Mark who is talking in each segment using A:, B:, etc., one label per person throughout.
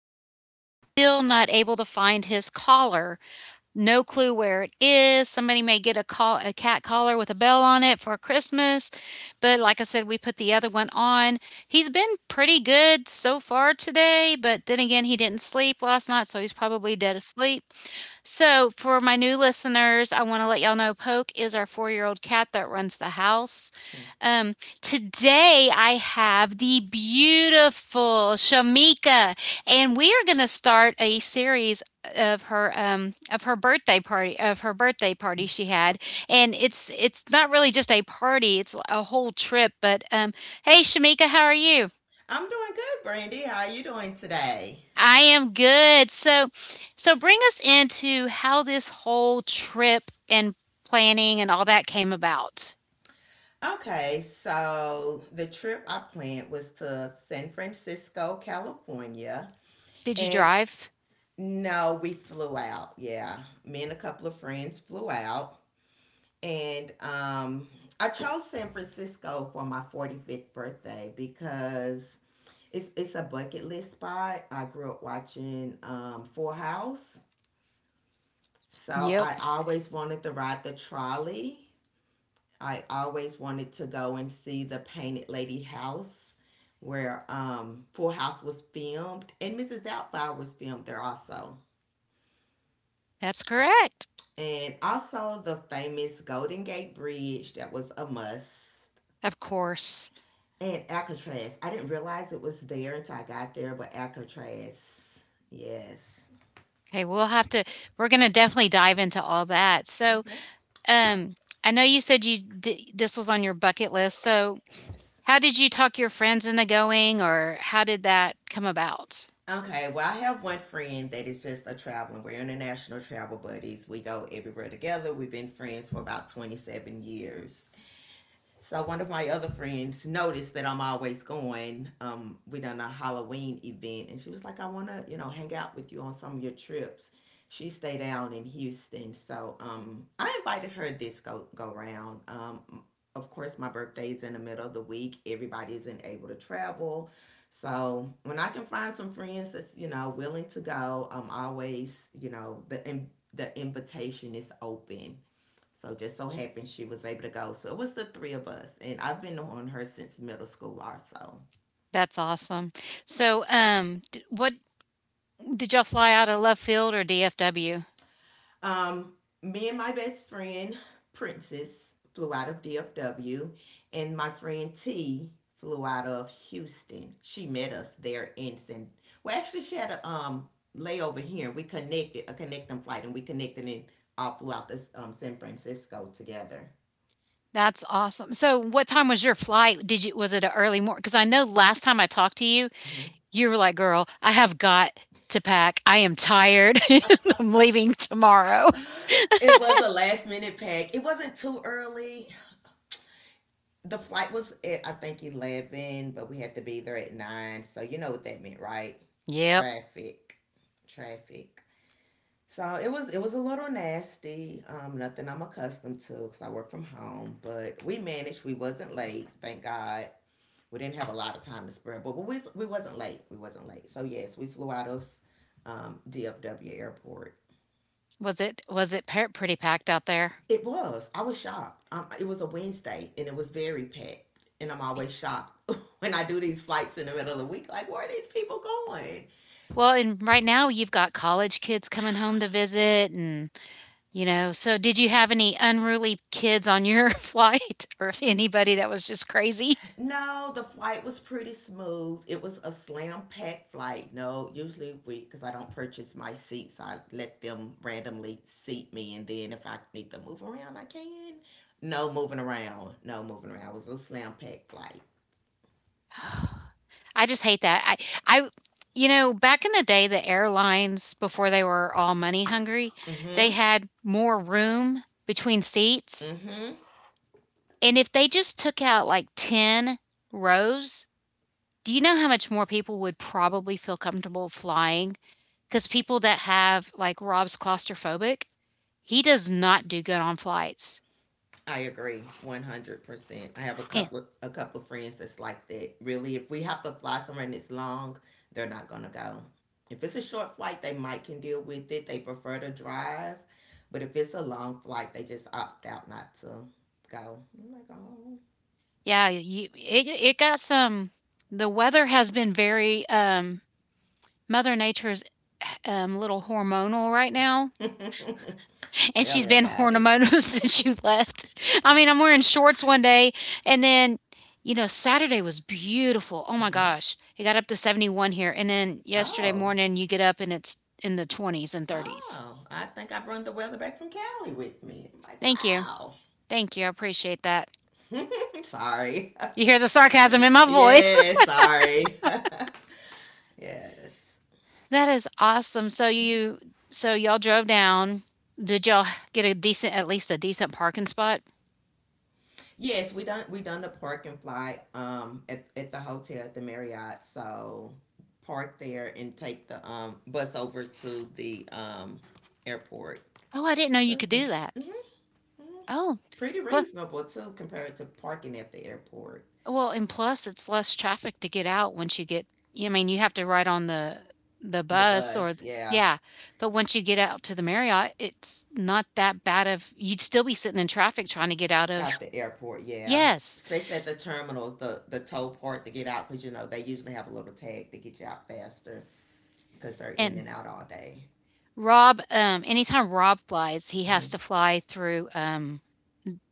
A: two of still not able to find his collar. No clue where it is. Somebody may get a cat collar with a bell on it for Christmas. But like I said, we put the other one on. He's been pretty good so far today, but then again, he didn't sleep last night, so he's probably dead asleep. So, for my new listeners, I want to let y'all know Poke is our 4-year-old old cat that runs the house. Um, today, I have the beautiful Shamika, and we are going to start a series of her birthday party she had, and it's not really just a party, it's a whole trip, but hey, Shamika, how are you?
B: I'm doing good, Brandy. How are you doing today?
A: I am good. So, bring us into how this whole trip and planning and all that came about.
B: Okay, so the trip I planned was to San Francisco, California.
A: Did you
B: And
A: drive?
B: no, we flew out. Yeah. Me and a couple of friends flew out. And I chose San Francisco for my 45th birthday because it's a bucket list spot. I grew up watching Full House. So
A: Yep,
B: I always wanted to ride the trolley. I always wanted to go and see the Painted Lady house where Full House was filmed, and Mrs. Doubtfire was filmed there also.
A: that's correct.
B: And also the famous Golden Gate Bridge, that was a must.
A: Of course.
B: And Alcatraz. I didn't realize it was there until I got there, but Alcatraz. Yes.
A: Okay, we'll have to. We're gonna definitely dive into all that. So,
B: Okay.
A: um, I know you said this was on your bucket list. So,
B: Yes.
A: how did you talk your friends into going, or how did that come about?
B: Okay, well, I have one friend that is just a traveling. We're international travel buddies. We go everywhere together. We've been friends for about 27 years. So one of my other friends noticed that I'm always going. We done a Halloween event, and she was like, "I want to, you know, hang out with you on some of your trips." She stayed out in Houston, so I invited her this go round. Of course, my birthday is in the middle of the week. Everybody isn't able to travel, so when I can find some friends that's you know willing to go, I'm always you know the invitation is open. So just so happened she was able to go. So it was the three of us, and I've been on her since middle school also.
A: That's awesome. So, what did y'all fly out of left field or DFW?
B: Um, Me and my best friend Princess flew out of DFW, and my friend T flew out of Houston. She met us there in San. Well, actually, she had a layover here, and we connected a connecting flight, and we connected and all flew out this San Francisco together.
A: That's awesome. So, what time was your flight? Did you Was it an early morning? Because I know last time I talked to you,
B: Mhm.
A: you were like, "Girl, I have got to pack. I am tired. And I'm leaving tomorrow."
B: It was a last minute pack. It wasn't too early. The flight was at I think 11, but we had to be there at nine. So you know what that meant, right?
A: Yep.
B: Traffic, traffic. So it was a little nasty. Nothing I'm accustomed to because I work from home. But we managed. We wasn't late, thank God. We didn't have a lot of time to spare, but we wasn't late. We wasn't late. So yes, we flew out of DFW airport.
A: Was it pretty packed out there?
B: It was. I was shocked. It was a Wednesday and it was very packed. And I'm always shocked when I do these flights in the middle of the week. Like, where are these people going?
A: Well, and right now you've got college kids coming home to visit, and you know. So, did you have any unruly kids on your flight, or anybody that was just crazy?
B: No, the flight was pretty smooth. It was a slam packed flight. No, usually we, because I don't purchase my seats, I let them randomly seat me. And then if I need to move around, I can. No moving around. No moving around. It was a slam packed flight.
A: I just hate that. I I back in the day, the airlines, before they were all money hungry,
B: Mm
A: they
B: hmm.
A: had more room between seats,
B: Mm hmm.
A: and if they just took out like 10 rows, do you know how much more people would probably feel comfortable flying? Because people that have, like, Rob's claustrophobic, he does not do good on flights.
B: I agree 100%. I have
A: And
B: a couple of friends that's like that. Really, if we have to fly somewhere and it's long, they're not going to go. If it's a short flight, they might can deal with it. They prefer to drive. But if it's a long flight, they just opt out not to go. I'm like,
A: yeah, you, it got some. The weather has been very, Mother Nature's, little hormonal right now,
B: oh.
A: and
B: Tell
A: she's
B: me
A: been
B: about it.
A: hormonal since you left. I mean, I'm wearing shorts one day, and then, Saturday was beautiful. Oh my
B: Hmm.
A: gosh, it got up to 71 here, and then yesterday
B: Oh,
A: morning you get up and it's in the 20s and 30s.
B: oh, I think I brought the weather back from Cali with me. I'm like,
A: Thank you,
B: wow.
A: thank you, I appreciate that.
B: Sorry.
A: You hear the sarcasm in my voice.
B: Yeah, sorry. Yes.
A: That is awesome. So y'all drove down. Did y'all get a decent, at least a decent, parking spot?
B: Yes, we done the park and fly at the hotel at the Marriott. So park there and take the bus over to the airport.
A: Oh, I didn't know
B: So
A: you could do
B: everything.
A: that.
B: Mm-hmm. It's
A: Oh,
B: pretty
A: huh.
B: reasonable too compared to parking at the airport.
A: Well, and plus it's less traffic to get out once you get, I mean, you have to ride on the
B: The
A: bus or
B: bus,
A: the,
B: yeah.
A: yeah, but once you get out to the Marriott, it's not that bad of, you'd still be sitting in traffic trying to get out of,
B: At the airport, yeah.
A: yes,
B: Especially at the terminals, the tow part to get out because you know they usually have a little tag to get you out faster because they're in
A: and
B: and out all day.
A: Rob, anytime Rob flies, he has
B: Hmm.
A: to fly through,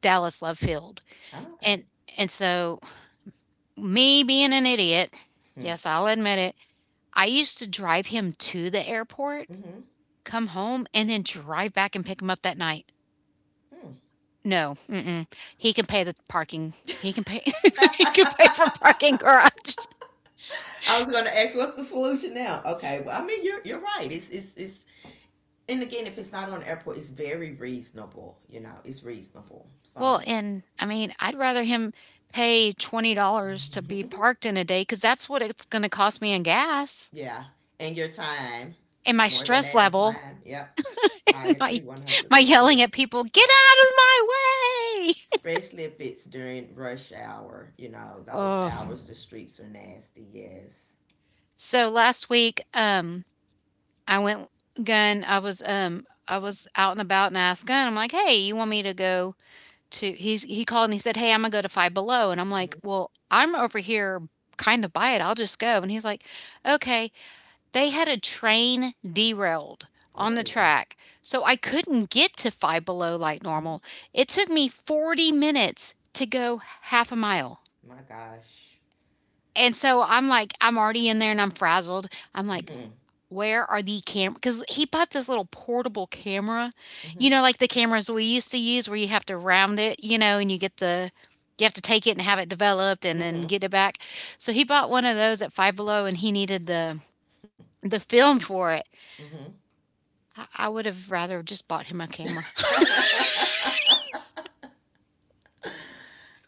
A: Dallas Love Field,
B: Oh, okay.
A: and and so, me being an idiot,
B: Hmm.
A: yes, I'll admit it, I used to drive him to the airport,
B: Mm-hmm.
A: come home, and then drive back and pick him up that night.
B: Mm.
A: No, mm-mm. He can pay the parking. He can pay, he can pay for parking garage.
B: I was going to ask, what's the solution now? Okay, well, I mean, you're right. It's, and again, if it's not on the airport, it's very reasonable. You know, it's reasonable. So,
A: Well, and I mean, I'd rather him pay $20 to be parked in a day, because that's what it's gonna cost me in gas
B: yeah, and your time,
A: and my
B: more than that
A: stress
B: in
A: level,
B: time. Yep, I
A: my
B: agree one hundred
A: my yelling
B: percent.
A: at people, "Get out of my way!"
B: Especially if it's during rush hour. You know, those
A: Oh.
B: hours the streets are nasty. Yes.
A: So last week, I went gun. I was, I was out and about, and I asked gun. I'm like, "Hey, you want me to go to, he's, he called and he said, 'Hey, I'm gonna go to Five Below,'" and I'm like,
B: Mhm.
A: "Well, I'm over here kind of by it. I'll just go." And he's like, "Okay." They had a train derailed on the
B: Oh,
A: track, so I couldn't get to Five Below like
B: mhm.
A: normal. It took me 40 minutes to go half a mile.
B: My gosh.
A: And so I'm like, I'm already in there and I'm frazzled. I'm like,
B: Hmm.
A: where are the camera? Because he bought this little portable camera,
B: Hmm.
A: you know, like the cameras we used to use where you have to round it, you know, and you get the, you have to take it and have it developed and then
B: Hmm.
A: get it back. So he bought one of those at Five Below and he needed the film for it.
B: Hmm.
A: I would have rather just bought him a camera.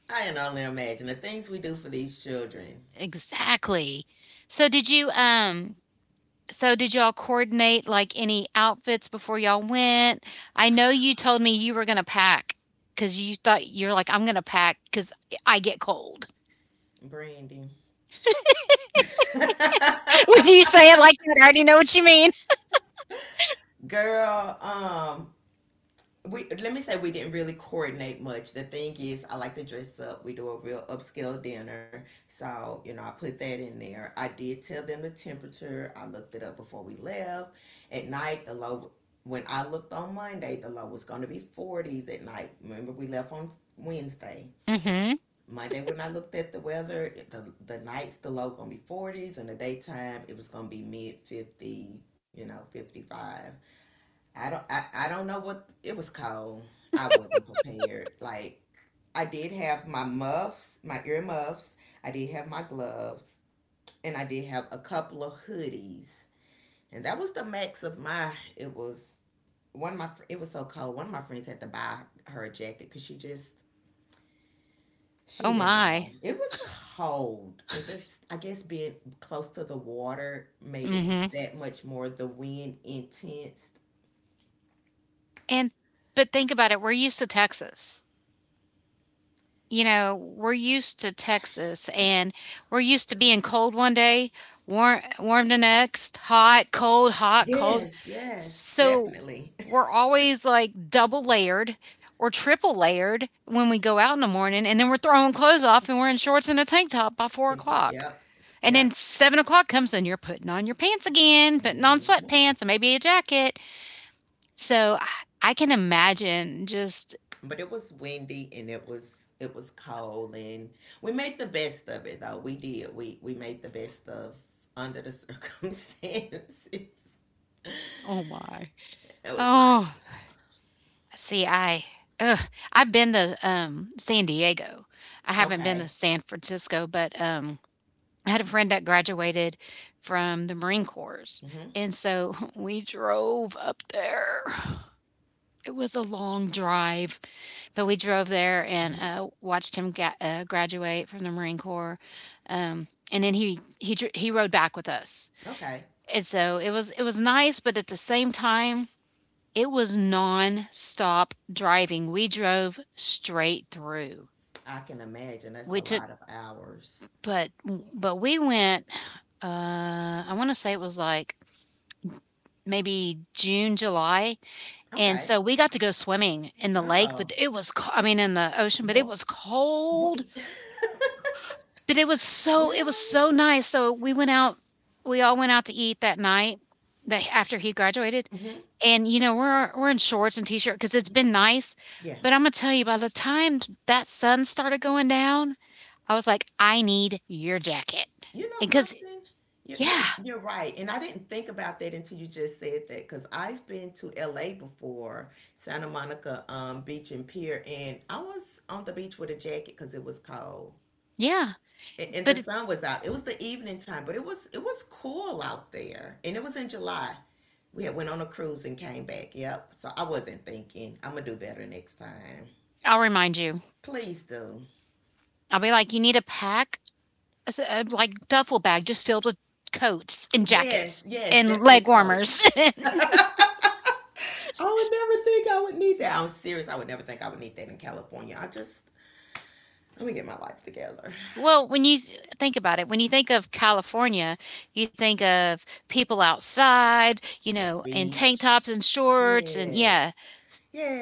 B: I can only imagine the things we do for these children.
A: Exactly. So did you, so did y'all coordinate, like, any outfits before y'all went? I know you told me you were gonna pack pack, because you thought, you're like, "I'm gonna pack pack because I get cold."
B: Brandy.
A: When you say it like that, I already know what you mean.
B: Girl, we let me say we didn't really coordinate much. The thing is, I like to dress up. We do a real upscale dinner, so you know I put that in there. I did tell them the temperature. I looked it up before we left. At night, the low when I looked on Monday, the low was going to be forties at night. Remember, we left on Wednesday.
A: Mhm.
B: Monday when I looked at the weather, the nights the low gonna be forties and the daytime it was gonna be mid 50, you know, 55. I don't know what it was cold. I wasn't prepared. Like I did have my muffs, my ear muffs, I did have my gloves, and I did have a couple of hoodies. And that was the max of my it was one of my it was so cold. One of my friends had to buy her a jacket because she just
A: Oh
B: she didn't
A: my.
B: know. It was cold, and just I guess being close to the water made it
A: Mhm.
B: that much more the wind intense.
A: And but think about it, we're used to Texas. You know, we're used to Texas, and we're used to being cold one day, warm, warm the next, hot, cold, hot, cold.
B: Yes, yes,
A: So
B: definitely.
A: we're always like double layered or triple layered when we go out in the morning, and then we're throwing clothes off and we're in shorts and a tank top by four
B: And it-
A: o'clock.
B: Yep,
A: And
B: yep.
A: then 7 o'clock comes and you're putting on your pants again, putting on
B: Mhm.
A: sweatpants and maybe a jacket. So I can imagine just,
B: But it was windy and it was cold and we made the best of it though. We did. We made the best of under the circumstances.
A: oh my,
B: It was not
A: oh, see, I, ugh, I've been to, San Diego. I haven't
B: okay.
A: been to San Francisco, but, I had a friend that graduated from the Marine Corps,
B: Hmm.
A: and so we drove up there. It was a long drive, but we drove there and
B: Hmm.
A: watched him, graduate from the Marine Corps. And then he rode back with us,
B: Okay.
A: and so it was, it was nice, but at the same time, it was non-stop driving. We drove straight through.
B: I can imagine that's a
A: We took,
B: lot of hours.
A: but we went. I want to say it was like maybe June, July, and
B: Okay.
A: so we got to go swimming in the lake,
B: Oh,
A: but it was co-, I mean, in the ocean, but it
B: what?
A: was
B: What?
A: cold, but it was so, it was
B: Really?
A: so nice. So we went out, we all went out to eat that night, that, after he graduated.
B: Hmm.
A: And you know, we're in shorts and t-shirt cuz it's been nice,
B: Yeah.
A: but I'm going to tell you, by the time that sun started going down, I was like, I need your jacket.
B: You know
A: And cuz
B: something?
A: yeah,
B: You're right. And I didn't think about that until you just said that because I've been to LA before, Santa Monica Beach and Pier, and I was on the beach with a jacket because it was cold.
A: yeah,
B: And the
A: but it,
B: sun was out. It was the evening time, but it was cool out there, and it was in July. We had went on a cruise and came back. Yep. So I wasn't thinking. I'm gonna do better next time.
A: I'll remind you.
B: Please do.
A: I'll be like, you need a pack, like, duffel bag just filled with coats and jackets
B: Yes, yes,
A: and
B: definitely
A: leg
B: Coke.
A: warmers.
B: I would never think I would need that. I'm serious. I would never think I would need that in California. I just let me get my life together.
A: Well, when you think about it, when you think of California, you think of people outside, you
B: The
A: know, in tank
B: beach.
A: tops and shorts and,
B: Yes.
A: yeah,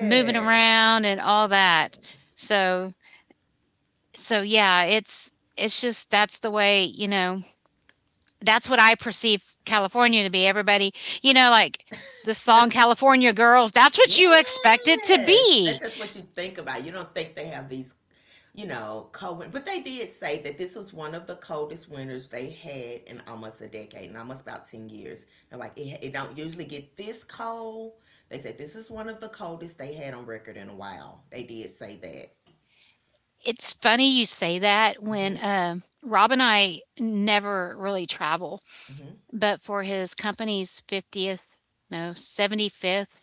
A: moving around and all that. So, so, yeah, it's just that's the way, you know, that's what I perceive California to be. Everybody, you know, like the song California Girls, that's what you expect it to
B: Yes.
A: be.
B: That's just what you think about. You don't think they have these you know, cold. But they did say that this was one of the coldest winters they had in almost a decade, and almost about 10 years. They're like, it don't usually get this cold. They said this is one of the coldest they had on record in a while. They did say that.
A: It's funny you say that when,
B: Mhm.
A: Rob and I never really travel,
B: Mhm.
A: but for his company's 50th, no, 75th,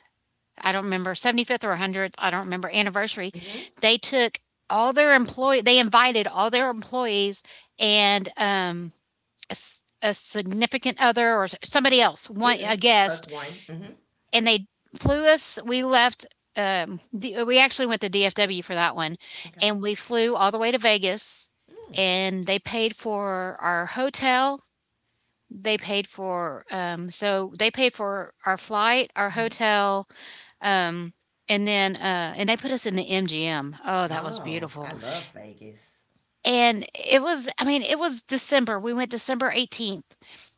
A: I don't remember, 75th or 100th, I don't remember, anniversary,
B: Mhm.
A: they took, all their employee they invited all their employees, and, a, s a significant other or somebody else, one a
B: Mhm.
A: guest,
B: Plus one. Mhm.
A: and they flew us. We left. We actually went to DFW for that one,
B: Okay.
A: and we flew all the way to Vegas,
B: Mm,
A: and they paid for our hotel. They paid for, so they paid for our flight, our
B: mhm.
A: hotel, um, and then, and they put us in the MGM. Oh, that was
B: Oh,
A: beautiful,
B: I love Vegas.
A: and it was. I mean, it was December. We went December 18th,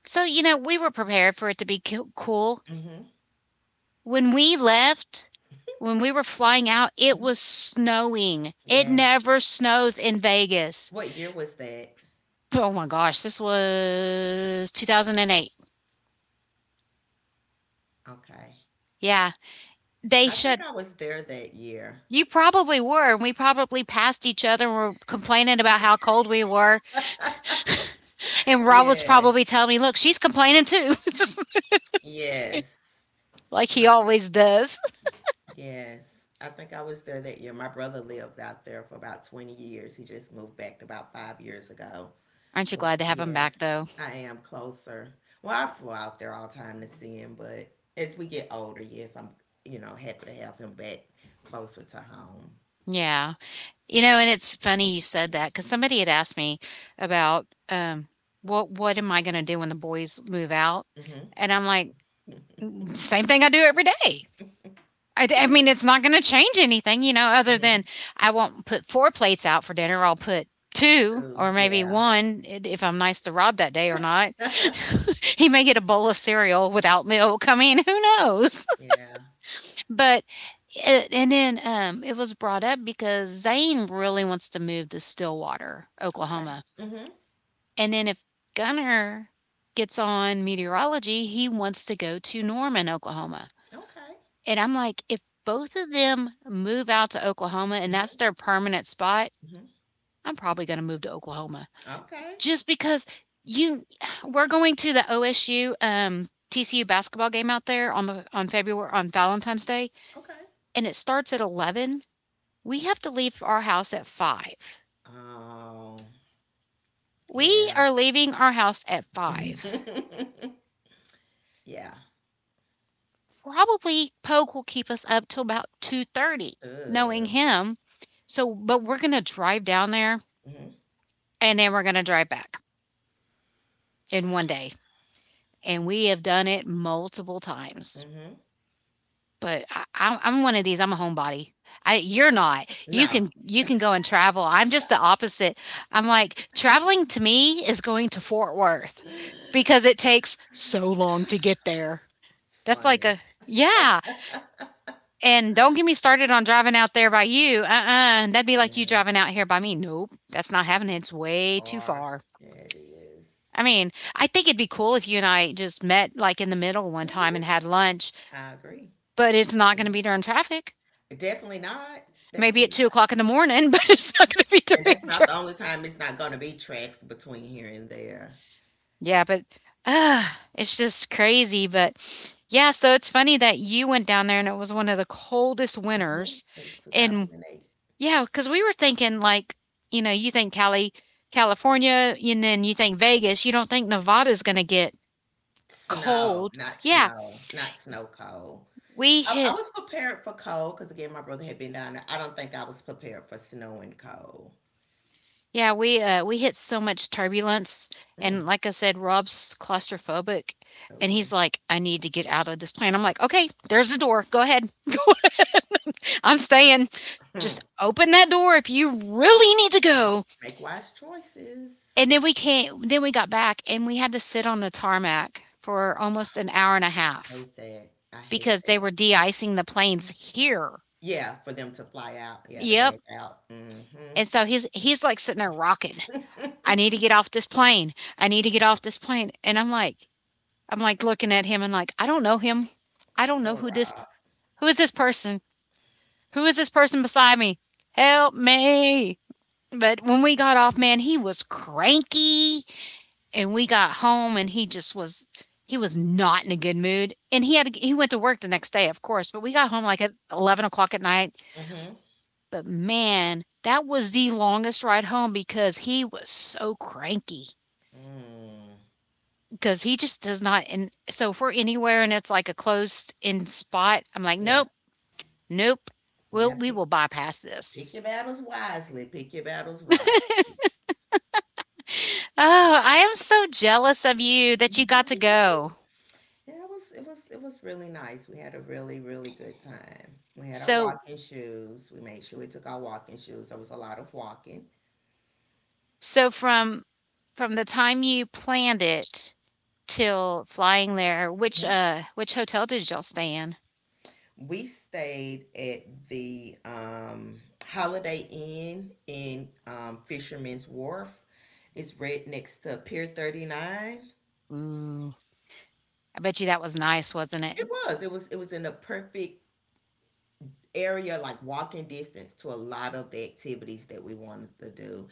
A: so you know we were prepared for it to be cool cool.
B: Mhm.
A: When we left, when we were flying out, it
B: Mhm.
A: was snowing. It
B: Yes.
A: never snows in Vegas.
B: What year was that?
A: Oh my gosh, this was 2008.
B: Okay.
A: Yeah, they
B: I
A: shut.
B: think I was there that year.
A: You probably were, and we probably passed each other and were complaining about how cold we were. And Rob was probably
B: Yes.
A: telling me, look, she's complaining too,
B: Yes.
A: like he
B: My-
A: always does.
B: Yes, I think I was there that year. My brother lived out there for about 20 years. He just moved back about 5 years ago.
A: Aren't you
B: But
A: glad to have him back,
B: yes,
A: though?
B: I am closer. Well, I flew out there all the time to see him, but as we get older, yes, I'm, you know, happy to have him back closer to home.
A: Yeah. You know, and it's funny you said that because somebody had asked me about, "What am I gonna do when the boys move out?"
B: Mm-hmm.
A: And I'm like, "Same thing I do every day." I mean, it's not gonna change anything, you know, other
B: Mm-hmm.
A: than I won't put 4 plates out for dinner, I'll put 2
B: Too.
A: or maybe
B: Yeah.
A: 1 if I'm nice to Rob that day or not. He may get a bowl of cereal without milk. I mean, who knows?
B: Yeah.
A: But it was brought up because Zane really wants to move to Stillwater,
B: Okay.
A: Oklahoma.
B: Mm-hmm.
A: And then if Gunner gets on meteorology, he wants to go to Norman, Oklahoma.
B: Okay.
A: And I'm like, if both of them move out to Oklahoma and that's
B: Mm-hmm.
A: their permanent spot,
B: Mm-hmm.
A: I'm probably going to move to Oklahoma
B: Okay.
A: just because you we're going to the OSU TCU basketball game out there on the on February on Valentine's Day,
B: Okay.
A: and it starts at 11. We have to leave our house at 5.
B: Oh,
A: We
B: yeah.
A: are leaving our house at 5.
B: Yeah.
A: Probably Poke will keep us up till about 2:30, knowing
B: Ugh.
A: him. So, but we're going to drive down there
B: Mhm.
A: and then we're going to drive back in 1 day. And we have done it multiple times.
B: Mhm.
A: But I'm one of these. I'm a homebody. I, you're not. You
B: No.
A: can go and travel. I'm just the opposite. I'm like, traveling to me is going to Fort Worth because it takes so long to get there.
B: It's
A: That's like
B: funny.
A: a yeah. And don't get me started on driving out there by you. Uh-uh. That'd be like you
B: Yeah.
A: driving out here by me. Nope. That's not happening. It's
B: It's
A: way too
B: far.
A: far.
B: Yeah, it is.
A: I mean, I think it'd be cool if you and I just met like in the middle one time
B: Mhm.
A: and had lunch,
B: I agree.
A: but it's not
B: You
A: going to
B: know,
A: be during traffic.
B: definitely not.
A: Maybe
B: Definitely
A: at two
B: not.
A: o'clock in the morning, but it's not going to be
B: And that's
A: during
B: about the
A: traffic.
B: only time it's not going to be traffic between here and there.
A: Yeah, but uh, it's just crazy. But yeah, so it's funny that you went down there and it was one of the coldest
B: Hmm.
A: winters.
B: It was
A: And
B: 2008.
A: yeah, cause we were thinking, like, you think Cali California, and then you think Vegas, you don't think Nevada's gonna get
B: Snow,
A: cold.
B: not
A: Yeah,
B: snow, not snow cold.
A: we
B: I
A: hit
B: was prepared for cold because, again, my brother had been down there. I don't think I was prepared for snow and cold.
A: yeah, we hit so much turbulence, and
B: Mm.
A: like I said, Rob's claustrophobic, and
B: Ooh.
A: he's like, "I need to get out of this plane." I'm like, "Okay, there's the door. Go ahead. Go ahead. I'm staying. Just open that door if you really need to
B: Yeah.
A: go."
B: Make wise choices.
A: And then we came then we got back and we had to sit on the tarmac for almost an hour and a
B: I
A: half
B: hate that. I hate
A: because they
B: that.
A: were de-icing the planes here.
B: Yeah, for them to fly out. Yeah, to
A: Yep.
B: back out. Mm-hmm.
A: And so he's like sitting there rocking. I need to get off this plane. I need to get off this plane. And I'm like looking at him and like I don't know him. I don't know
B: Poor Rob.
A: who is this person? Who is this person beside me? Help me. But when we got off, man, he was cranky, and we got home and he was not in a good mood, and he went to work the next day of course, but we got home like at 11 o'clock at night.
B: Mm-hmm.
A: But man, that was the longest ride home because he was so cranky,
B: Mm.
A: because he just does not. And so if we're anywhere and it's like a closed in spot, I'm like
B: Yeah.
A: nope, nope,
B: Yeah.
A: we
B: Pick
A: will bypass
B: pick
A: this.
B: your battles wisely. Pick your battles
A: Oh,
B: wisely.
A: I am so jealous of you that you got to go.
B: Yeah, it was really nice. We had a really, really good time. We had our
A: so
B: walking shoes. We made sure we took our walking shoes. There was a lot of walking.
A: so from from the time you planned it till flying there. Which hotel did y'all stay in?
B: We stayed at the Holiday Inn in Fisherman's Wharf. It's right next to Pier 39.
A: Ooh, I bet you that was nice, wasn't it?
B: It was. It was. It was in a perfect area, like walking distance to a lot of the activities that we wanted to do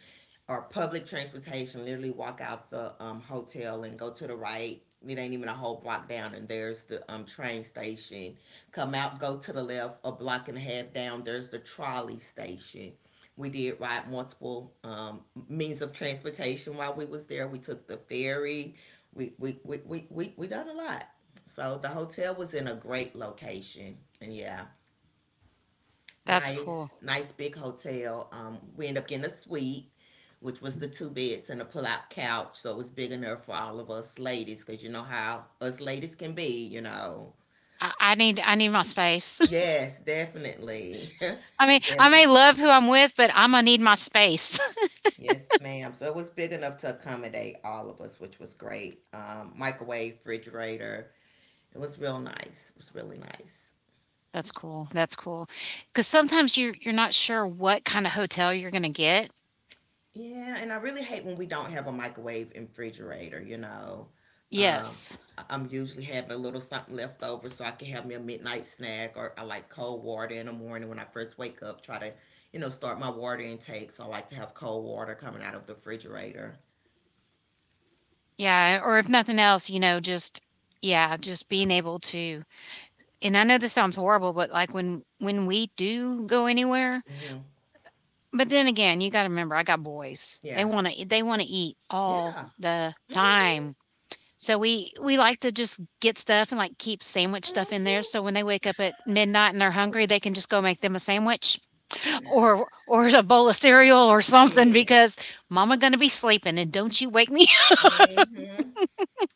B: or public transportation. Literally walk out the hotel and go to the right, it ain't even a whole block down and there's the train station. Come out, go to the left a block and a half down, there's the trolley station. We did ride multiple means of transportation while we was there. We took the ferry, we done a lot. So the hotel was in a great location, and yeah.
A: That's cool.
B: Nice, nice big hotel. We ended up getting a suite, which was the two beds and a pull-out couch, so it was big enough for all of us ladies, because you know how us ladies can be,
A: I need my space.
B: Yes, definitely.
A: I mean, I may
B: Definitely.
A: love who I'm with, but I'm gonna need my space.
B: Yes, ma'am. So it was big enough to accommodate all of us, which was great. Microwave, refrigerator. It was real nice. It was really nice.
A: That's cool. That's cool. Because sometimes you you're not sure what kind of hotel you're gonna get.
B: Yeah, and I really hate when we don't have a microwave and refrigerator, Um,
A: Yes.
B: I'm usually having a little something left over so I can have me a midnight snack, or I like cold water in the morning when I first wake up, try to, you know, start my water intake. So I like to have cold water coming out of the refrigerator.
A: Yeah. Or if nothing else, you know, just yeah, just being able to. And I know this sounds horrible, but like when we do go anywhere.
B: Hmm
A: But then again, you gotta remember, I got boys. They
B: Yeah.
A: wanna eat all
B: Yeah.
A: the
B: hmm
A: time. So we like to just get stuff and, like, keep sandwich stuff in there,
B: hmm
A: so when they wake up at midnight and they're hungry, they can just go make them a sandwich or a bowl of cereal or something,
B: Yes.
A: because mama gonna be sleeping and don't you wake me.
B: hmm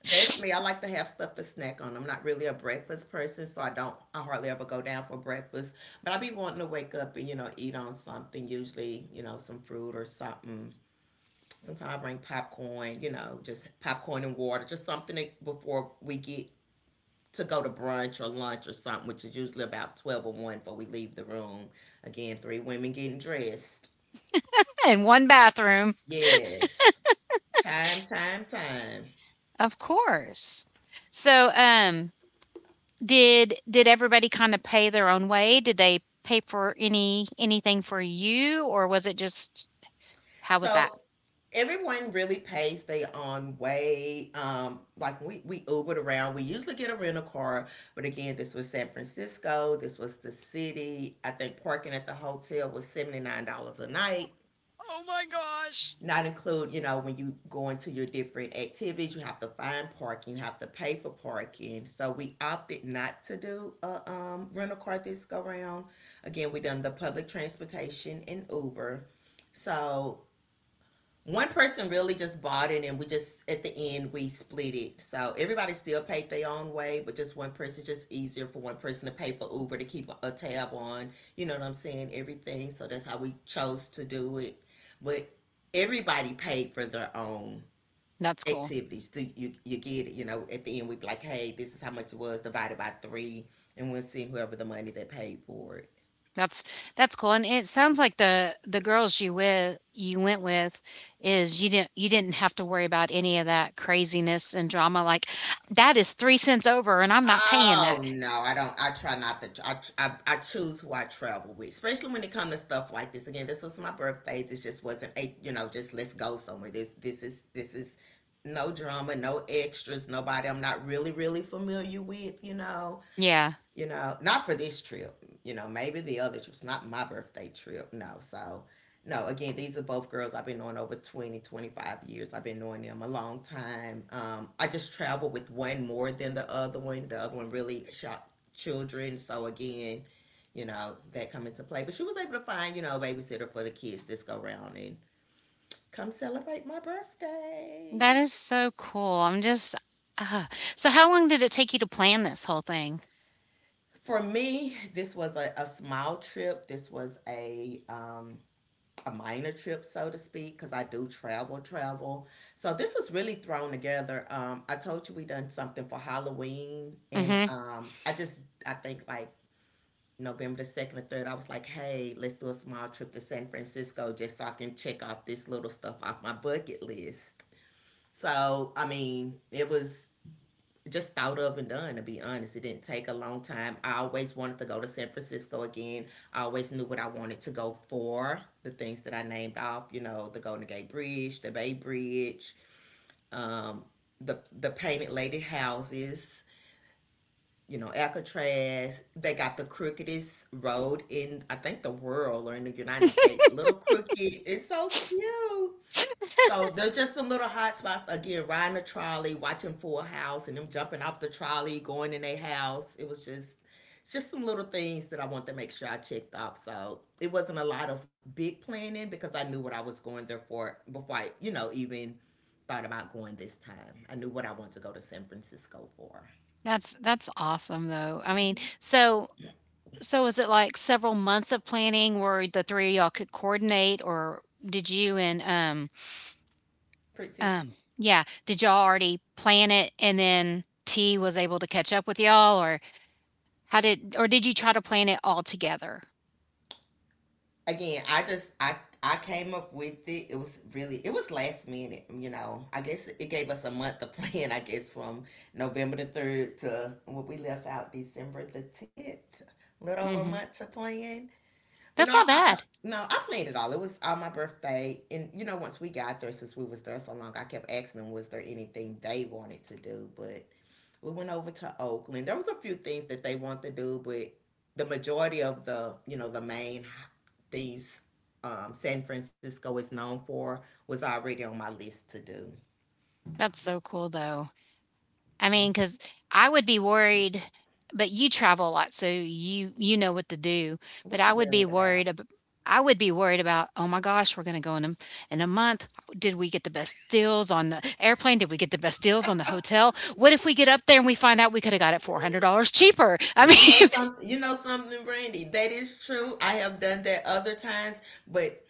B: That's me. I like to have stuff to snack on. I'm not really a breakfast person, so I don't, I hardly ever go down for breakfast. But I be wanting to wake up and, you know, eat on something, usually, you know, some fruit or something. Sometimes I bring popcorn, you know, just popcorn and water, just something that- before we get to go to brunch or lunch or something, which is usually about 12 or 1 before we leave the room. Again, three women getting dressed.
A: Up in one bathroom.
B: Yes. Time, time, time.
A: Of course. So, did everybody kinda pay their own way? Did they pay for anything for you, or was it just how was that?
B: So everyone really pays their own way. Like we Ubered around. We usually get a rental car, but again, this was San Francisco. This was the city. I think parking at the hotel was $79 a night. Not include, you know, when you go into your different activities, you have to find parking, you have to pay for parking. So we opted not to do a rental car this go round. Again, we done the public transportation and Uber. So one person really just bought it, and we just at the end we split it, so everybody still paid their own way, but just one person, just easier for one person to pay for Uber to keep a tab on, you know what I'm saying, everything. So that's how we chose to do it. But everybody paid for their own
A: That's cool.
B: activities. So you get it, you know, at the end we'd be like, hey, this is how much it was, divided by three, and we'll see whoever the money they paid for it.
A: That's that's cool, and it sounds like the girls you with you went with, is you didn't have to worry about any of that craziness and drama, like, "That is 3 cents over, and I'm not paying that."
B: Oh no, I don't. I try not to. I choose who I travel with, especially when it comes to stuff like this. Again, this was my birthday. This just wasn't a, you know, just let's go somewhere. This is no drama, no extras, nobody I'm not really really familiar with.
A: Yeah.
B: You know, not for this trip, you know, maybe the other trips, not my birthday trip, no. So, no, again, these are both girls I've been knowing over 20, 25 years. I've been knowing them a long time. I just travel with one more than the other one. The other one really shot children. So, again, you know, that come into play. But she was able to find, you know, a babysitter for the kids this go round and come celebrate my
A: That
B: birthday.
A: is so cool. I'm just ah. So how long did it take you to plan this whole thing?
B: For me, this was a small trip. This was a minor trip, so to speak, because I do travel, travel. So this is really thrown together. I told you we done something for Halloween, and
A: Mhm.
B: I just I think like November the second or third, I was like, hey, let's do a small trip to San Francisco just so I can check off this little stuff off my bucket list. So I mean, it was just thought of and done, to be honest. It didn't take a long time. I always wanted to go to San Francisco again. I always knew what I wanted to go for, the things that I named off, you know, the Golden Gate Bridge, the Bay Bridge, um, the painted lady houses, you know, Alcatraz. They got the crookedest road in, I think, the world or in the United States, little crooked, it's so cute. So there's just some little hot spots, again, riding a trolley, watching Full House, and them jumping off the trolley, going in their house. It was just, it's just some little things that I wanted to make sure I checked off. So it wasn't a lot of big planning, because I knew what I was going there for before I, you know, even thought about going this time. I knew what I wanted to go to San Francisco for.
A: That's awesome, though. I mean,
B: Hmm
A: so was it, like, several months of planning where the 3 of y'all could coordinate, or did you and, um,
B: Pretty.
A: um, yeah, did y'all already plan it and then T was able to catch up with y'all, or how did, or did you try to plan it all together?
B: Again, I just I came up with it. It was really, it was last minute, you know. I guess it gave us a month to plan, I guess, from November the 3rd to what we left out December the 10th, little over a
A: Mhm.
B: month to plan. but
A: That's
B: no i,
A: not
B: I
A: bad.
B: no, I planned it all. It was all my birthday, and you know, once we got there, since we was there so long, I kept asking them was there anything they wanted to do. But we went over to Oakland. There was a few things that they want to do, but the majority of the, you know, the main things San Francisco is known for was already on my list to do.
A: That's so cool though. I mean, cause
B: Mhm.
A: I would be worried, but you travel a lot, so you know what to do, but
B: What you worried about?
A: I would be worried about, "Oh my gosh, we're gonna go in a month. Did we get the best deals on the airplane? Did we get the best deals on the hotel? What if we get up there and we find out we could have got it $400 cheaper?" I mean
B: You know something, Brandy. That is true. I have done that other times, but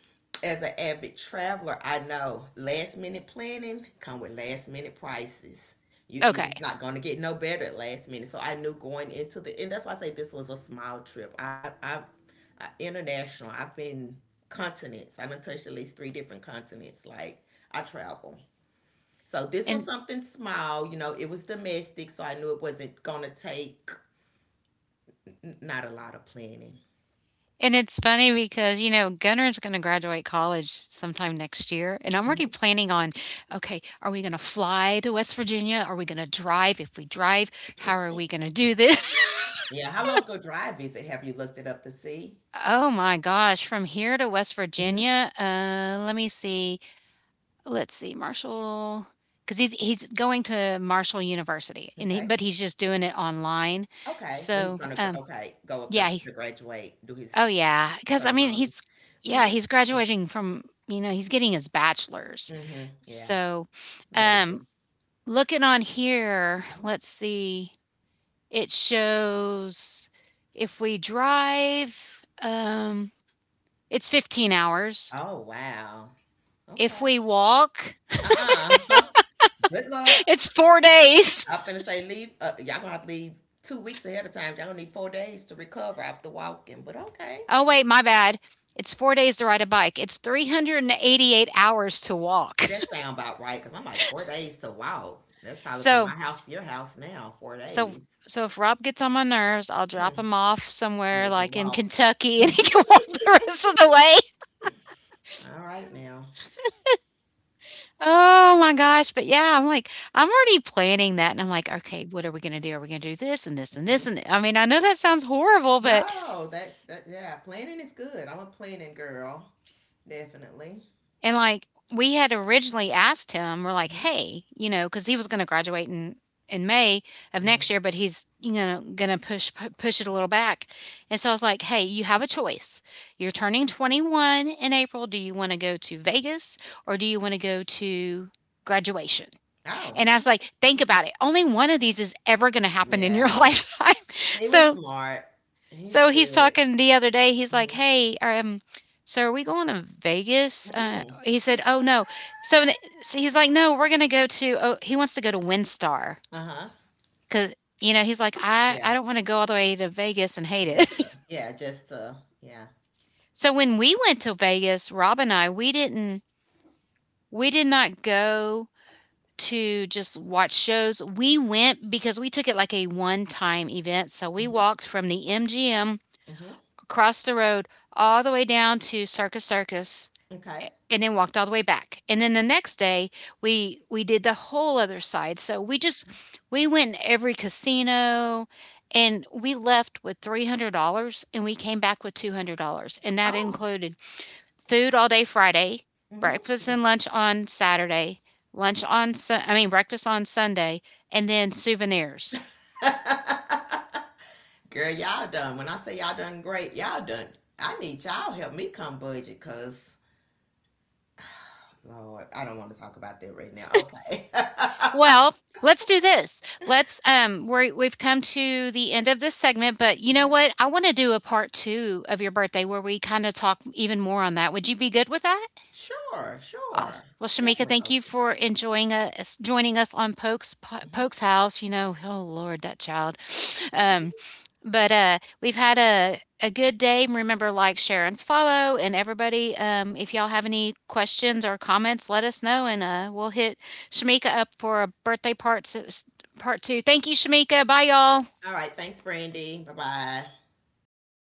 B: as an avid traveler, I know last minute planning come with last minute prices. You,
A: okay.
B: it's not going to get no better at last minute. So I knew going into the, and that's why I say this was a small trip. I international. I've been continents. I've touched at least 3 different continents. Like I travel. So this was
A: And
B: something small. You know, it was domestic, so I knew it wasn't going to take not a lot of planning.
A: and it's funny because, you know, Gunner's going to graduate college sometime next year, and I'm already
B: Hmm
A: planning on, okay, are we going to fly to West Virginia? Are we going to drive? If we drive, how are we going to do this?
B: Yeah, how long ago drive is it? Have you looked it up to see?
A: Oh my gosh, from here to West
B: Hmm
A: Virginia, let me see. Let's see. Marshall, cuz he's going to Marshall University, and he,
B: Okay,
A: but he's just doing it online.
B: okay, but he's
A: So,
B: gonna
A: um,
B: okay, go up
A: yeah,
B: to graduate, do
A: oh,
B: his
A: yeah, because I mean,
B: ceremony.
A: he's yeah, he's graduating from, you know, he's getting his bachelor's.
B: hmm Yeah,
A: So,
B: major.
A: um, looking on here,
B: Mhm.
A: let's see, it shows if we drive, um, it's 15 hours.
B: Oh wow.
A: If
B: Okay.
A: we walk,
B: Uh-uh. Good luck.
A: it's 4 days.
B: I'm gonna say leave. Y'all gonna have to leave 2 weeks ahead of time. Y'all gonna need 4 days to recover after walking. But okay,
A: Oh, wait, my bad. It's 4 days to ride a bike. It's 388 hours to walk.
B: that sound about right. Cause I'm like 4 days to walk. That's probably from my
A: So
B: house to your house now. Four
A: So
B: days.
A: so if Rob gets on my nerves, I'll drop
B: Mm-hmm.
A: him off somewhere
B: Make him
A: like in
B: walk.
A: Kentucky and he can walk the rest of the way.
B: All right now.
A: Oh my gosh. But yeah, I'm like, I'm already planning that. And I'm like, okay, what are we going to do? Are we going to do this and this and this?
B: Mhm.
A: And th-" I mean, I know that sounds horrible, but
B: No, that's that. Yeah, planning is good. I'm a planning girl, definitely.
A: and, like, we had originally asked him, we're like,
B: Hmm
A: "Hey," you know, because he was gonna graduate in May of
B: hmm
A: next year, but he's, you know, gonna push it a little back. And so I was like, "Hey, you have a choice. You're turning 21 in April. Do you wanna go to Vegas or do you wanna go to graduation?"
B: Oh,
A: And I was like, "Think about it. Only one of these is ever gonna happen in your
B: yeah.
A: lifetime."
B: He was
A: So
B: smart. He's
A: he's
B: good.
A: talking the other day. He's like,
B: Mm-hmm.
A: "Hey, so are we going to Vegas?"
B: mm
A: He said, "Oh no." So, n- so he's like, "No, we're gonna go to." Oh, he wants to go to WinStar
B: Uh-huh.
A: because you know he's like,
B: Yeah.
A: I don't want to go all the way to Vegas and hate
B: Just.
A: it."
B: Yeah. Just. Yeah.
A: So when we went to Vegas, Rob and I, we did not go to just watch shows. We went because we took it like a one time event. So we
B: Mm-hmm.
A: walked from the MGM
B: Mm-hmm.
A: across the road all the way down to Circus Circus
B: Okay.
A: and then walked all the way back. And then the next day we did the whole other side. So we just we went in every casino, and we left with $300 and we came back with $200, and that
B: Oh.
A: included food all day Friday, breakfast
B: Mm-hmm.
A: and lunch on Saturday, I mean breakfast on Sunday, and then souvenirs.
B: Girl, y'all done. When I say y'all done great, y'all done. I need y'all help me come budget, cause Lord, I don't want to talk about that right now. Okay.
A: Well, let's do this. Let's we we've come to the end of this segment, but you know
B: Okay.
A: what? I want to do a part 2 of your birthday where we kind of talk even more on that. Would you be good with that?
B: Sure,
A: Awesome.
B: sure.
A: Well, Shamika,
B: Definitely
A: thank you
B: open.
A: for joining us on
B: Mhm.
A: Poke's house. You know, oh Lord, that child. Um, but we've had a good day. Remember, like, share, and follow. And everybody, if y'all have any questions or comments, let us know, and we'll hit Shamika up for a birthday part two. Thank you, Shamika. Bye, y'all.
B: All right. Thanks, Brandy. Bye bye.